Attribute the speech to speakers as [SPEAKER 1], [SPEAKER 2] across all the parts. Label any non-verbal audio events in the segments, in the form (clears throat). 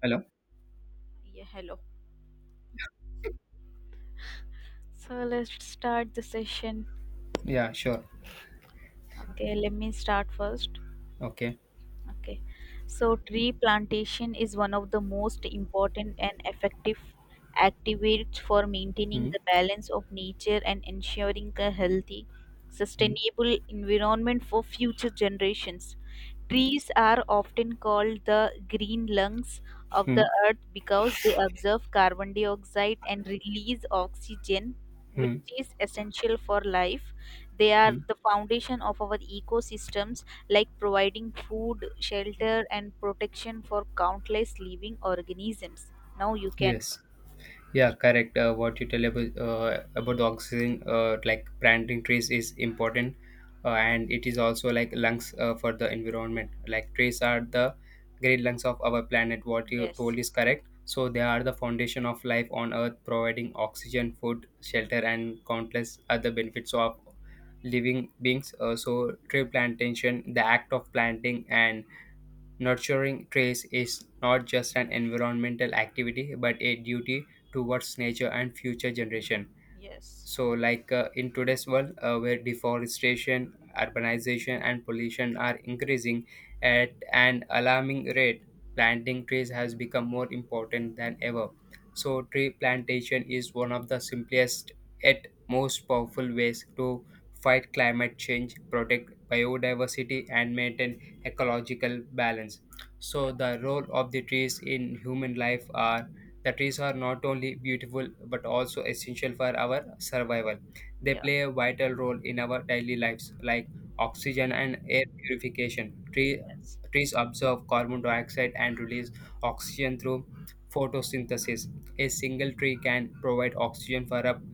[SPEAKER 1] Hello?
[SPEAKER 2] Yeah, hello. So let's start the session.
[SPEAKER 1] Yeah, sure.
[SPEAKER 2] Okay, let me start first.
[SPEAKER 1] Okay.
[SPEAKER 2] Okay. So, tree plantation is one of the most important and effective activities for maintaining
[SPEAKER 1] Hmm.
[SPEAKER 2] the balance of nature and ensuring a healthy,
[SPEAKER 1] Hmm.
[SPEAKER 2] sustainable environment for future generations.
[SPEAKER 1] Yes.
[SPEAKER 2] Trees are often called the green lungs of
[SPEAKER 1] Hmm.
[SPEAKER 2] the earth because they absorb carbon dioxide and release oxygen, which
[SPEAKER 1] Hmm.
[SPEAKER 2] is essential for life. They are
[SPEAKER 1] Hmm.
[SPEAKER 2] the foundation of our ecosystems like providing food, shelter, and protection for countless living organisms. Now you can.
[SPEAKER 1] Yes. Yeah, correct. What you tell about the oxygen, like planting trees is important, and it is also like lungs for the environment. Like trees are the great lungs of our planet. What you
[SPEAKER 2] Yes.
[SPEAKER 1] told is correct. So they are the foundation of life on Earth, providing oxygen, food, shelter, and countless other benefits of living beings. So tree plantation, the act of planting and nurturing trees is not just an environmental activity but a duty towards nature and future generation.
[SPEAKER 2] Yes.
[SPEAKER 1] So, like in today's world, where deforestation, urbanization, and pollution are increasing at an alarming rate, planting trees has become more important than ever. So, tree plantation is one of the simplest yet most powerful ways to fight climate change, protect biodiversity, and maintain ecological balance.
[SPEAKER 2] Yeah.
[SPEAKER 1] So, the role of the trees in human life are the trees are not only beautiful but also essential for our survival. They
[SPEAKER 2] Yeah.
[SPEAKER 1] play a vital role in our daily lives, like oxygen and air purification. Tree,
[SPEAKER 2] Yes.
[SPEAKER 1] trees absorb carbon dioxide and release oxygen through photosynthesis. A single tree can provide oxygen for up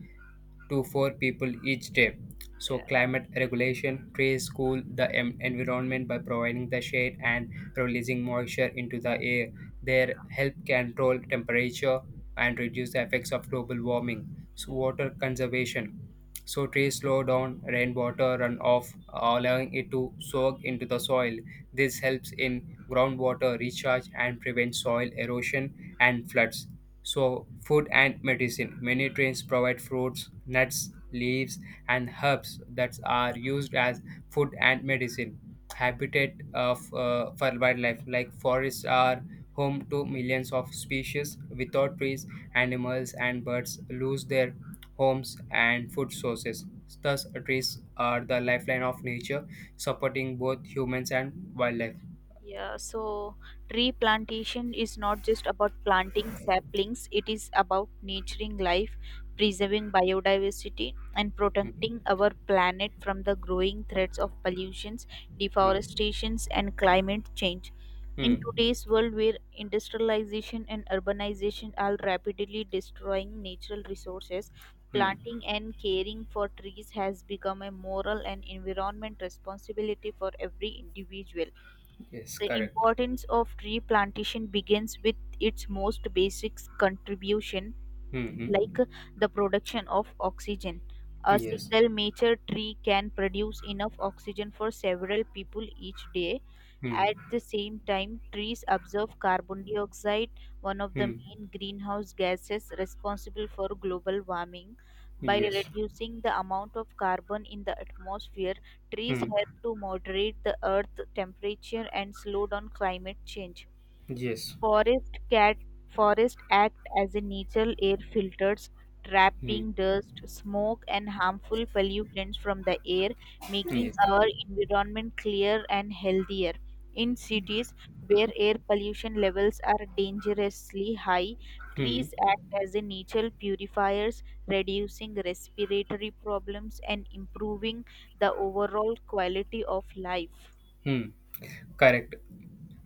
[SPEAKER 1] to four people each day. So,
[SPEAKER 2] Yeah.
[SPEAKER 1] climate regulation, trees cool the environment by providing the shade and releasing moisture into the air. Their help control temperature and reduce the effects of global warming. So, water conservation. So trees slow down rainwater runoff, allowing it to soak into the soil. This helps in groundwater recharge and prevents soil erosion and floods. So, food and medicine. Many trees provide fruits, nuts, leaves, and herbs that are used as food and medicine. Habitat of for wildlife, like forests are home to millions of species. Without trees, animals and birds lose their homes and food sources. Thus, trees are the lifeline of nature, supporting both humans and wildlife.
[SPEAKER 2] Yeah, so tree plantation is not just about planting saplings, it is about nurturing life, preserving biodiversity, and
[SPEAKER 1] Hmm.
[SPEAKER 2] protecting our planet from the growing threats of pollutions,
[SPEAKER 1] Hmm.
[SPEAKER 2] deforestations, and climate change. In
[SPEAKER 1] Hmm.
[SPEAKER 2] today's world, where industrialization and urbanization are rapidly destroying natural resources,
[SPEAKER 1] Hmm.
[SPEAKER 2] planting and caring for trees has become a moral and environment responsibility for every individual.
[SPEAKER 1] Yes,
[SPEAKER 2] The
[SPEAKER 1] correct.
[SPEAKER 2] importance of tree plantation begins with its most basic contribution,
[SPEAKER 1] Hmm. Hmm.
[SPEAKER 2] like the production of oxygen. A
[SPEAKER 1] Yes.
[SPEAKER 2] single mature tree can produce enough oxygen for several people each day,
[SPEAKER 1] Hmm.
[SPEAKER 2] at the same time, trees absorb carbon dioxide, one of the
[SPEAKER 1] hmm
[SPEAKER 2] main greenhouse gases responsible for global warming. By
[SPEAKER 1] yes
[SPEAKER 2] reducing the amount of carbon in the atmosphere, trees
[SPEAKER 1] hmm.
[SPEAKER 2] help to moderate the earth temperature and slow down climate change.
[SPEAKER 1] Yes.
[SPEAKER 2] Forest cat Forests act as a natural air filters,
[SPEAKER 1] Hmm.
[SPEAKER 2] trapping dust, smoke, and harmful pollutants from the air, making
[SPEAKER 1] Yes.
[SPEAKER 2] our environment clearer and healthier. In cities where air pollution levels are dangerously high,
[SPEAKER 1] Hmm.
[SPEAKER 2] trees act as a natural purifiers, reducing respiratory problems and improving the overall quality of life.
[SPEAKER 1] Hmm. Correct.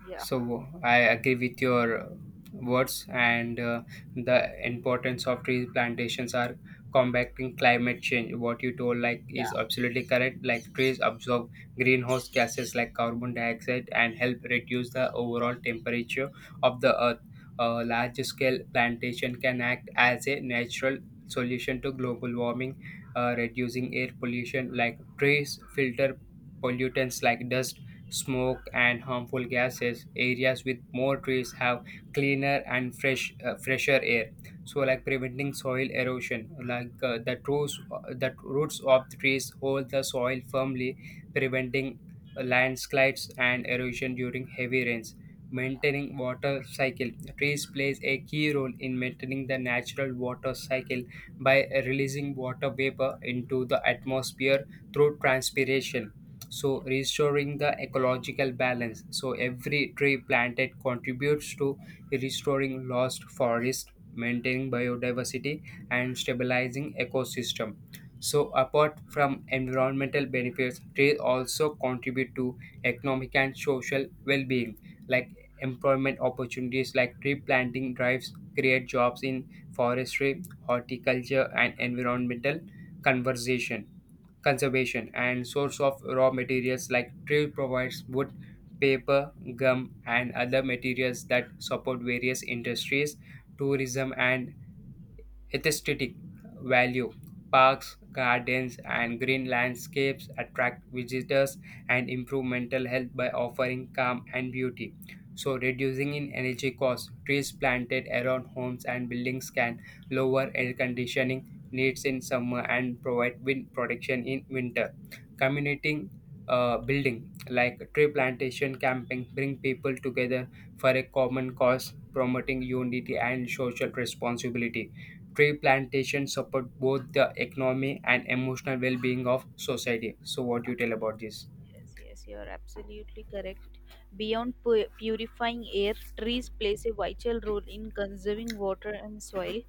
[SPEAKER 2] Yeah,
[SPEAKER 1] So I agree with your words, and the importance of tree plantations are combating climate change. What you told like
[SPEAKER 2] yeah.
[SPEAKER 1] is absolutely correct. Like trees absorb greenhouse gases like carbon dioxide and help reduce the overall temperature of the earth. A large scale plantation can act as a natural solution to global warming, reducing air pollution. Like trees filter pollutants like dust, smoke, and harmful gases. Areas with more trees have cleaner and fresher air. So, like preventing soil erosion, like the roots of the trees hold the soil firmly, preventing landslides and erosion during heavy rains.
[SPEAKER 2] Yeah.
[SPEAKER 1] Maintaining water cycle. Trees plays a key role in maintaining the natural water cycle by releasing water vapor into the atmosphere through transpiration. So, restoring the ecological balance, so every tree planted contributes to restoring lost forest, maintaining biodiversity, and stabilizing ecosystem. So, apart from environmental benefits, trees also contribute to economic and social well-being, like employment opportunities. Like, tree planting drives create jobs in forestry, horticulture, and environmental conservation conservation, and source of raw materials. Like, tree provides wood, paper, gum, and other materials that support various industries. Tourism and aesthetic value, parks, gardens, and green landscapes attract visitors and improve mental health by offering calm and beauty. So, reducing in energy costs, trees planted around homes and buildings can lower air conditioning needs in summer and provide wind protection in winter. Community building, like tree plantation camping, bring people together for a common cause, promoting unity and social responsibility. Tree plantation support both the economy and emotional well-being of society. So, what do you tell about this?
[SPEAKER 2] Yes, yes, you are absolutely correct. Beyond purifying air, trees plays a vital role in conserving water and soil.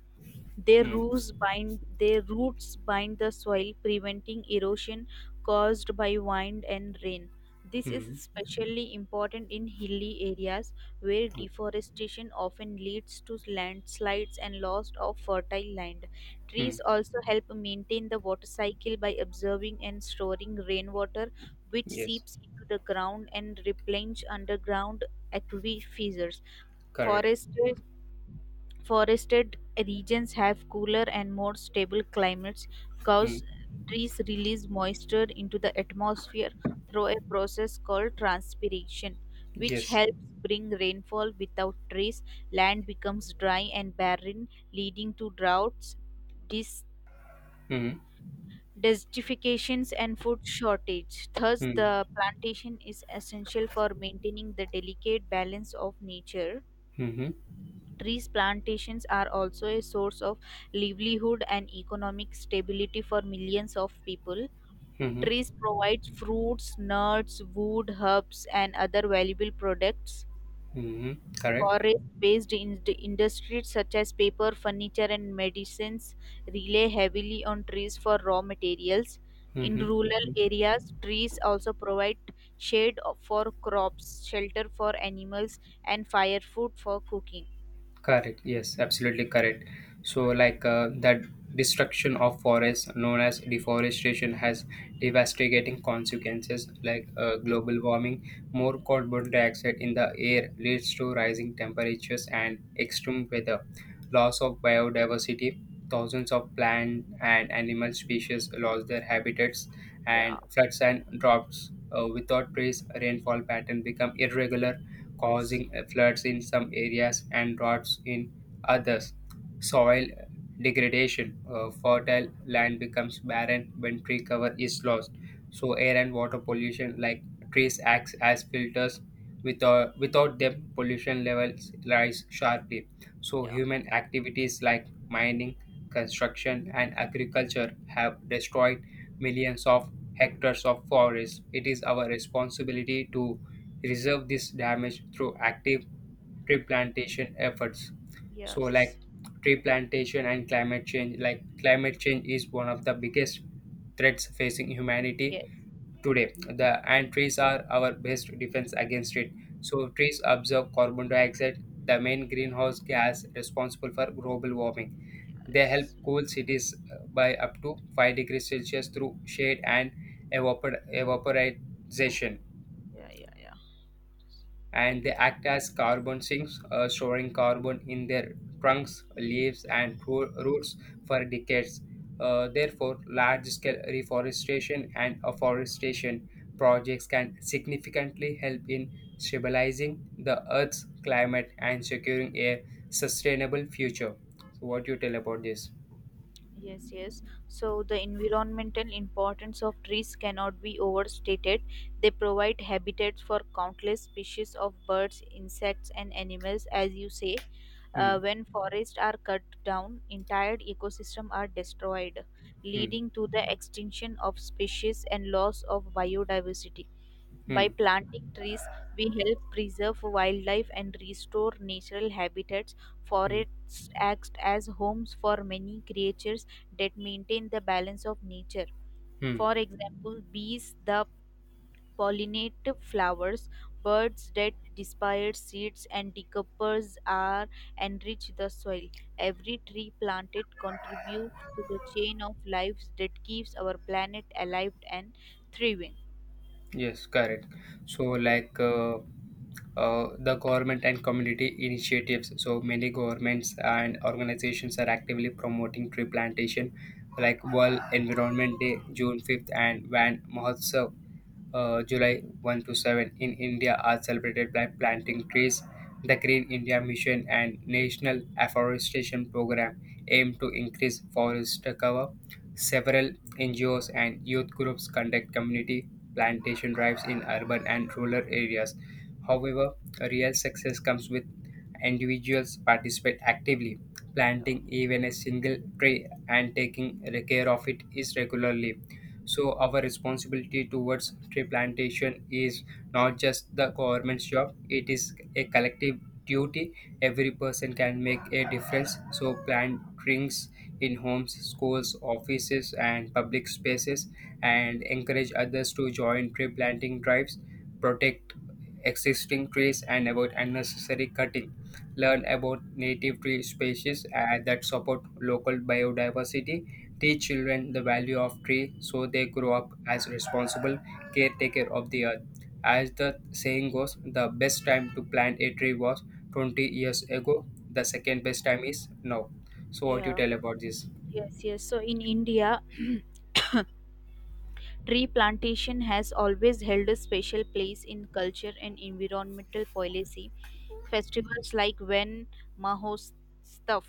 [SPEAKER 2] Their
[SPEAKER 1] Hmm.
[SPEAKER 2] roots bind their roots bind the soil, preventing erosion caused by wind and rain. This is
[SPEAKER 1] Hmm.
[SPEAKER 2] especially important in hilly areas where deforestation often leads to landslides and loss of fertile land. Trees
[SPEAKER 1] Hmm.
[SPEAKER 2] also help maintain the water cycle by absorbing and storing rainwater, which
[SPEAKER 1] Yes.
[SPEAKER 2] seeps into the ground and replenish underground aquifers.
[SPEAKER 1] Correct.
[SPEAKER 2] Foresters Forested regions have cooler and more stable climates
[SPEAKER 1] Hmm.
[SPEAKER 2] because trees release moisture into the atmosphere through a process called transpiration, which
[SPEAKER 1] Yes.
[SPEAKER 2] helps bring rainfall. Without trees, land becomes dry and barren, leading to droughts, dis-
[SPEAKER 1] Hmm.
[SPEAKER 2] desertifications, and food shortage. Thus,
[SPEAKER 1] Hmm.
[SPEAKER 2] the plantation is essential for maintaining the delicate balance of nature.
[SPEAKER 1] Hmm.
[SPEAKER 2] Trees plantations are also a source of livelihood and economic stability for millions of people.
[SPEAKER 1] Hmm. Hmm.
[SPEAKER 2] Trees provide fruits, nuts, wood, herbs, and other valuable products.
[SPEAKER 1] Hmm. Correct.
[SPEAKER 2] Forest based industries such as paper, furniture, and medicines rely heavily on trees for raw materials. In
[SPEAKER 1] Mm-hmm.
[SPEAKER 2] rural areas, trees also provide shade for crops, shelter for animals, and firewood for cooking.
[SPEAKER 1] Correct. Yes, absolutely correct. So, like that destruction of forests, known as deforestation, has devastating consequences like global warming, more carbon dioxide in the air leads to rising temperatures and extreme weather,
[SPEAKER 2] Yes.
[SPEAKER 1] loss of biodiversity, thousands of plant and animal species lost their habitats, and
[SPEAKER 2] Yeah,
[SPEAKER 1] floods and droughts. Without trees, rainfall pattern become irregular,
[SPEAKER 2] yes.
[SPEAKER 1] causing floods in some areas and droughts in others. Soil degradation, fertile land becomes barren when tree cover is lost. So, air and water pollution, like trees, acts as filters. Without them, pollution levels rise sharply. So,
[SPEAKER 2] Yeah.
[SPEAKER 1] human activities like mining, construction, and agriculture have destroyed millions of hectares of forest. It is our responsibility to reserve this damage through active tree plantation efforts. So,
[SPEAKER 2] Yes.
[SPEAKER 1] like tree plantation and climate change, like climate change is one of the biggest threats facing humanity
[SPEAKER 2] Yes.
[SPEAKER 1] today. The and trees are our best defense against it. So, trees absorb carbon dioxide, the main greenhouse gas responsible for global warming. They help cool cities by up to 5 degrees Celsius through shade and evaporization, and they act as carbon sinks, storing carbon in their trunks, leaves, and roots for decades. Therefore, large scale reforestation and afforestation projects can significantly help in stabilizing the Earth's climate and securing a sustainable future. So, what do you tell about this?
[SPEAKER 2] Yes, yes. So the environmental importance of trees cannot be overstated. They provide habitats for countless species of birds, insects, and animals, as you say. Uh,
[SPEAKER 1] Hmm.
[SPEAKER 2] when forests are cut down, entire ecosystems are destroyed,
[SPEAKER 1] Hmm.
[SPEAKER 2] leading to the extinction of species and loss of biodiversity. By
[SPEAKER 1] Hmm.
[SPEAKER 2] planting trees, we help preserve wildlife and restore natural habitats.
[SPEAKER 1] Hmm.
[SPEAKER 2] Forests act as homes for many creatures that maintain the balance of nature.
[SPEAKER 1] Hmm.
[SPEAKER 2] For example, bees that pollinate flowers, birds that disperse seeds, and decompose are enrich the soil. Every tree planted contributes to the chain of lives that keeps our planet alive and thriving.
[SPEAKER 1] Yes, correct. So, like the government and community initiatives. So, many governments and organizations are actively promoting tree plantation, like World Environment Day, June 5th, and Van Mahotsav, July 1 to 7 in India are celebrated by planting trees. The Green India Mission and National Afforestation Program aim to increase forest cover. Several NGOs and youth groups conduct community plantation drives in urban and rural areas. However, real success comes with individuals participate actively, planting even a single tree and taking care of it is regularly. So, our responsibility towards tree plantation is not just the government's job, it is a collective duty. Every person can make a difference. So, plant trees in homes, schools, offices, and public spaces, and encourage others to join tree planting drives, protect existing trees, and avoid unnecessary cutting. Learn about native tree species that support local biodiversity. Teach children the value of tree so they grow up as responsible caretaker of the earth. As the saying goes, the best time to plant a tree was 20 years ago. The second best time is now. So, what do you tell about this?
[SPEAKER 2] Yes, yes. So in India, (clears throat) tree plantation has always held a special place in culture and environmental policy. Festivals like When Mahostav,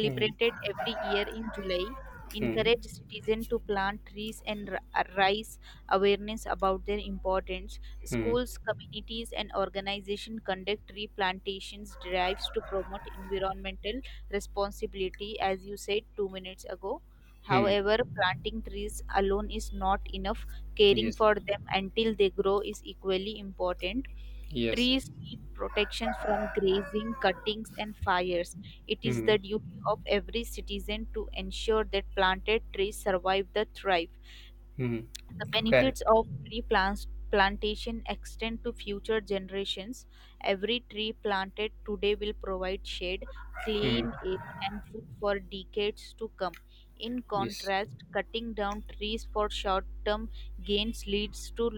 [SPEAKER 1] Hmm.
[SPEAKER 2] every year in July,
[SPEAKER 1] Hmm.
[SPEAKER 2] encourage citizens to plant trees and raise awareness about their importance.
[SPEAKER 1] Hmm.
[SPEAKER 2] Schools, communities, and organizations conduct tree plantations drives to promote environmental responsibility, as you said 2 minutes ago.
[SPEAKER 1] Hmm.
[SPEAKER 2] However, planting trees alone is not enough. Caring
[SPEAKER 1] Yes.
[SPEAKER 2] for them until they grow is equally important.
[SPEAKER 1] Yes.
[SPEAKER 2] Trees need protection from grazing, cuttings, and fires. It is the
[SPEAKER 1] Hmm.
[SPEAKER 2] duty of every citizen to ensure that planted trees survive the thrive.
[SPEAKER 1] Hmm.
[SPEAKER 2] The
[SPEAKER 1] Correct.
[SPEAKER 2] benefits of tree plants plantation extend to future generations. Every tree planted today will provide shade,
[SPEAKER 1] Hmm.
[SPEAKER 2] clean air, and food for decades to come. In
[SPEAKER 1] Yes.
[SPEAKER 2] contrast, cutting down trees for short term gains leads to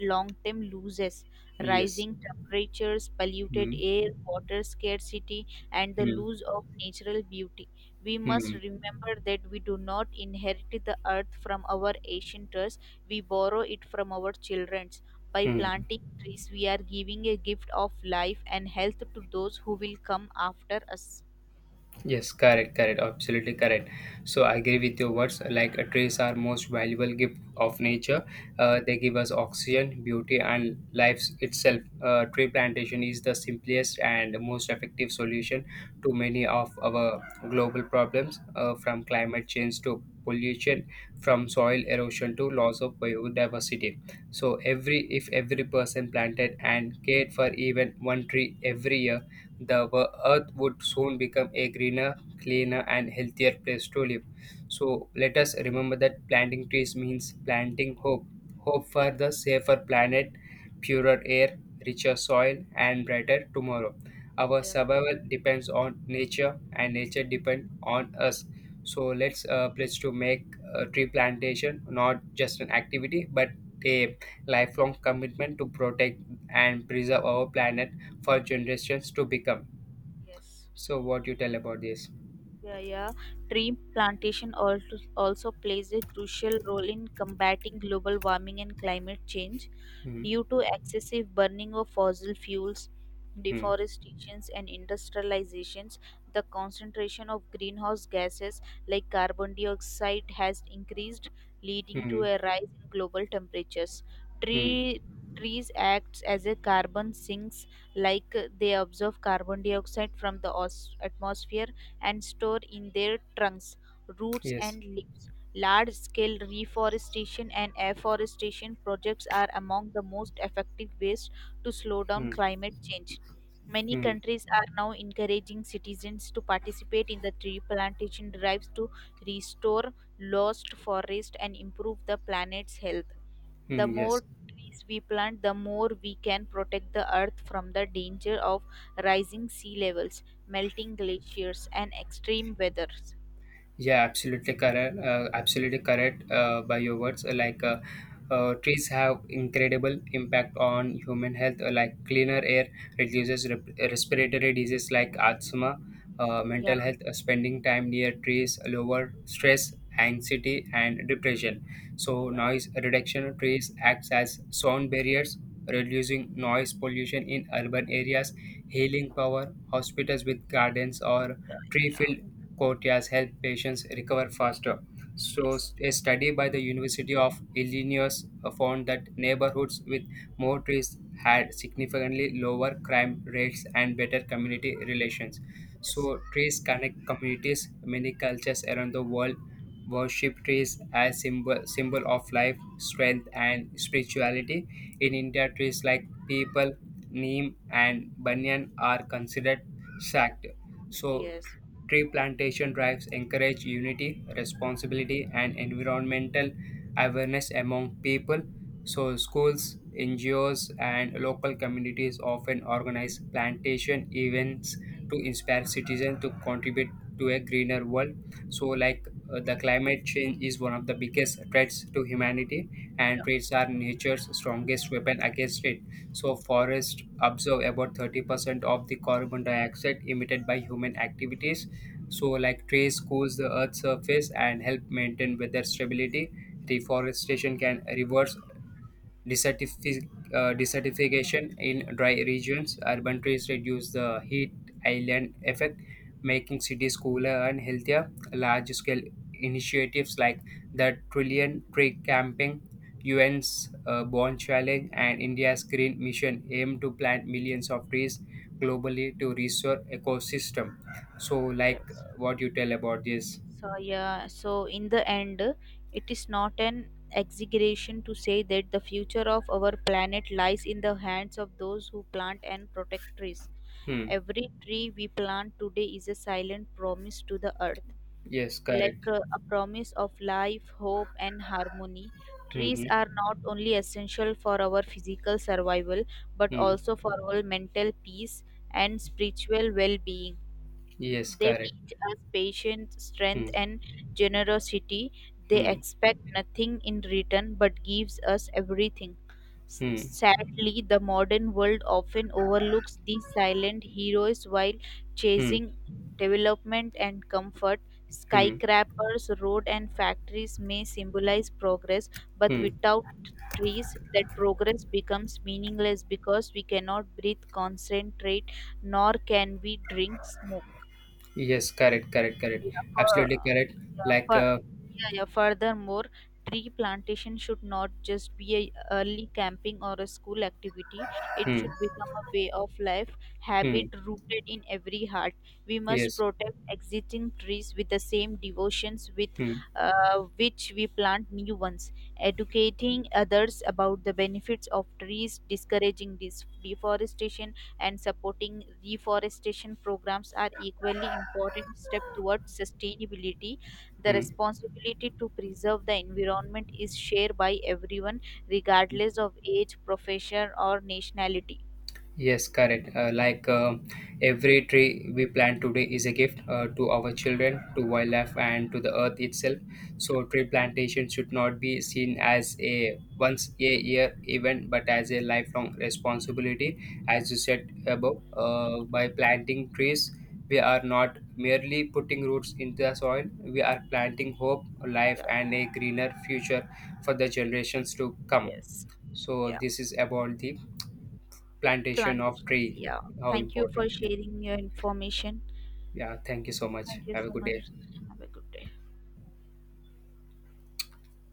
[SPEAKER 2] long term losses.
[SPEAKER 1] Yes.
[SPEAKER 2] Rising temperatures, polluted
[SPEAKER 1] Hmm.
[SPEAKER 2] air, water scarcity, and the
[SPEAKER 1] Hmm.
[SPEAKER 2] loss of natural beauty. We must
[SPEAKER 1] Hmm.
[SPEAKER 2] remember that we do not inherit the earth from our ancestors, we borrow it from our children's. By
[SPEAKER 1] Hmm.
[SPEAKER 2] planting trees, we are giving a gift of life and health to those who will come after us.
[SPEAKER 1] Yes, correct, correct, absolutely correct. So I agree with your words. Like trees are most valuable gift of
[SPEAKER 2] Yes.
[SPEAKER 1] nature. They give us oxygen, beauty, and life itself. Tree plantation is the simplest and most effective solution to many of our global problems, from climate change to pollution, from soil erosion to loss of biodiversity. So, every if every person planted and cared for even one tree every year, the earth would soon become a greener, cleaner, and healthier place to live. So let us remember that planting trees means planting hope for
[SPEAKER 2] Yeah.
[SPEAKER 1] the safer planet, purer air, richer soil, and brighter tomorrow. Our
[SPEAKER 2] Yeah.
[SPEAKER 1] survival depends on nature, and nature depends on us. So,
[SPEAKER 2] Yes.
[SPEAKER 1] let's pledge to make tree plantation not just an activity, but a lifelong commitment to protect and preserve our planet for generations to become.
[SPEAKER 2] Yes.
[SPEAKER 1] So, what you tell about this?
[SPEAKER 2] Yeah. Yeah, tree plantation also plays a crucial role in combating global warming and climate change
[SPEAKER 1] Hmm.
[SPEAKER 2] due to excessive burning of fossil fuels,
[SPEAKER 1] Hmm.
[SPEAKER 2] deforestations, and industrializations, the concentration of greenhouse gases like carbon dioxide has increased, leading to
[SPEAKER 1] Hmm.
[SPEAKER 2] a rise in global temperatures.
[SPEAKER 1] Hmm.
[SPEAKER 2] Tree, trees act as a carbon sinks, like they absorb carbon dioxide from the atmosphere and store in their trunks, roots,
[SPEAKER 1] Yes.
[SPEAKER 2] and leaves. Large-scale reforestation and afforestation projects are among the most effective ways to slow down
[SPEAKER 1] Hmm.
[SPEAKER 2] climate change. Many
[SPEAKER 1] Hmm.
[SPEAKER 2] countries are now encouraging citizens to participate in the tree plantation drives to restore lost forest and improve the planet's health. The
[SPEAKER 1] Hmm. Yes.
[SPEAKER 2] more trees we plant, the more we can protect the earth from the danger of rising sea levels, melting glaciers, and extreme weathers.
[SPEAKER 1] Yeah, absolutely correct. Absolutely correct by your words. Like trees have incredible impact on human health. Like cleaner air reduces respiratory disease like asthma. Uh,
[SPEAKER 2] Yeah,
[SPEAKER 1] mental health, spending time near trees lower stress, anxiety, and depression. So, noise reduction, trees acts as sound barriers, reducing noise pollution in urban areas. Healing power, hospitals with gardens or tree-filled courtyards help patients recover faster. So, a study by the University of Illinois found that neighborhoods with more trees had significantly lower crime rates and better community relations. So, trees connect communities. Many cultures around the world worship trees as symbol of life, strength, and spirituality. In India, trees like people, neem, and banyan are considered sacred. So,
[SPEAKER 2] yes.
[SPEAKER 1] tree plantation drives encourage unity, responsibility, and environmental awareness among people. So, schools, NGOs, and local communities often organize plantation events to inspire citizens to contribute to a greener world. So, like the climate change is one of the biggest threats to humanity, and trees are nature's strongest weapon against it. So, forests absorb about 30% of the carbon dioxide emitted by human activities, so, like, trees cool the Earth's surface and help maintain weather stability. Reforestation can reverse Desertific- desertification in dry regions. Urban trees reduce the heat island effect, making cities cooler and healthier. Large scale initiatives like the Trillion Tree Camping, UN's Bond Challenge, and India's Green Mission aim to plant millions of trees globally to restore ecosystem. So, like, what you tell about this?
[SPEAKER 2] So in the end, it is not an exaggeration to say that the future of our planet lies in the hands of those who plant and protect trees.
[SPEAKER 1] Hmm.
[SPEAKER 2] Every tree we plant today is a silent promise to the earth,
[SPEAKER 1] Yes,
[SPEAKER 2] like
[SPEAKER 1] correct.
[SPEAKER 2] a promise of life, hope, and harmony.
[SPEAKER 1] Hmm. Hmm.
[SPEAKER 2] Trees are not only essential for our physical survival but
[SPEAKER 1] Hmm.
[SPEAKER 2] also for our mental peace and spiritual well being.
[SPEAKER 1] Yes,
[SPEAKER 2] They
[SPEAKER 1] correct.
[SPEAKER 2] teach us patience, strength,
[SPEAKER 1] Hmm.
[SPEAKER 2] and generosity. They
[SPEAKER 1] Hmm.
[SPEAKER 2] expect nothing in return but gives us everything.
[SPEAKER 1] Hmm.
[SPEAKER 2] Sadly, the modern world often overlooks these silent heroes while
[SPEAKER 1] Hmm.
[SPEAKER 2] chasing development and comfort.
[SPEAKER 1] Hmm.
[SPEAKER 2] Skyscrapers, road, and factories may symbolize progress, but
[SPEAKER 1] Hmm.
[SPEAKER 2] without trees, that progress becomes meaningless because we cannot breathe, concentrate, nor can we drink, smoke.
[SPEAKER 1] Yes. Correct. Correct. Correct.
[SPEAKER 2] Yeah, for
[SPEAKER 1] Absolutely correct.
[SPEAKER 2] yeah,
[SPEAKER 1] Like.
[SPEAKER 2] for yeah. Furthermore, tree plantation should not just be a early camping or a school activity. It
[SPEAKER 1] Hmm.
[SPEAKER 2] should become a way of life, habit
[SPEAKER 1] Hmm.
[SPEAKER 2] rooted in every heart. We must
[SPEAKER 1] Yes.
[SPEAKER 2] protect existing trees with the same devotions with
[SPEAKER 1] Hmm.
[SPEAKER 2] which we plant new ones. Educating others about the benefits of trees, discouraging deforestation, and supporting reforestation programs are equally important steps towards sustainability. The
[SPEAKER 1] Hmm.
[SPEAKER 2] responsibility to preserve the environment is shared by everyone, regardless of age, profession, or nationality.
[SPEAKER 1] Yes, correct. Like every tree we plant today is a gift to our children, to wildlife, and to the earth itself. So, tree plantation should not be seen as a once a year event, but as a lifelong responsibility. As you said above, by planting trees, we are not merely putting roots into the soil, we are planting hope, life, and a greener future for the generations to come. So, this is about the plantation of
[SPEAKER 2] Plantations,
[SPEAKER 1] tree,
[SPEAKER 2] yeah.
[SPEAKER 1] how
[SPEAKER 2] Thank you for
[SPEAKER 1] important. Yeah,
[SPEAKER 2] sharing your information.
[SPEAKER 1] yeah, thank you so much,
[SPEAKER 2] Thank you
[SPEAKER 1] have a
[SPEAKER 2] so
[SPEAKER 1] good
[SPEAKER 2] much.
[SPEAKER 1] day.
[SPEAKER 2] Have a good day.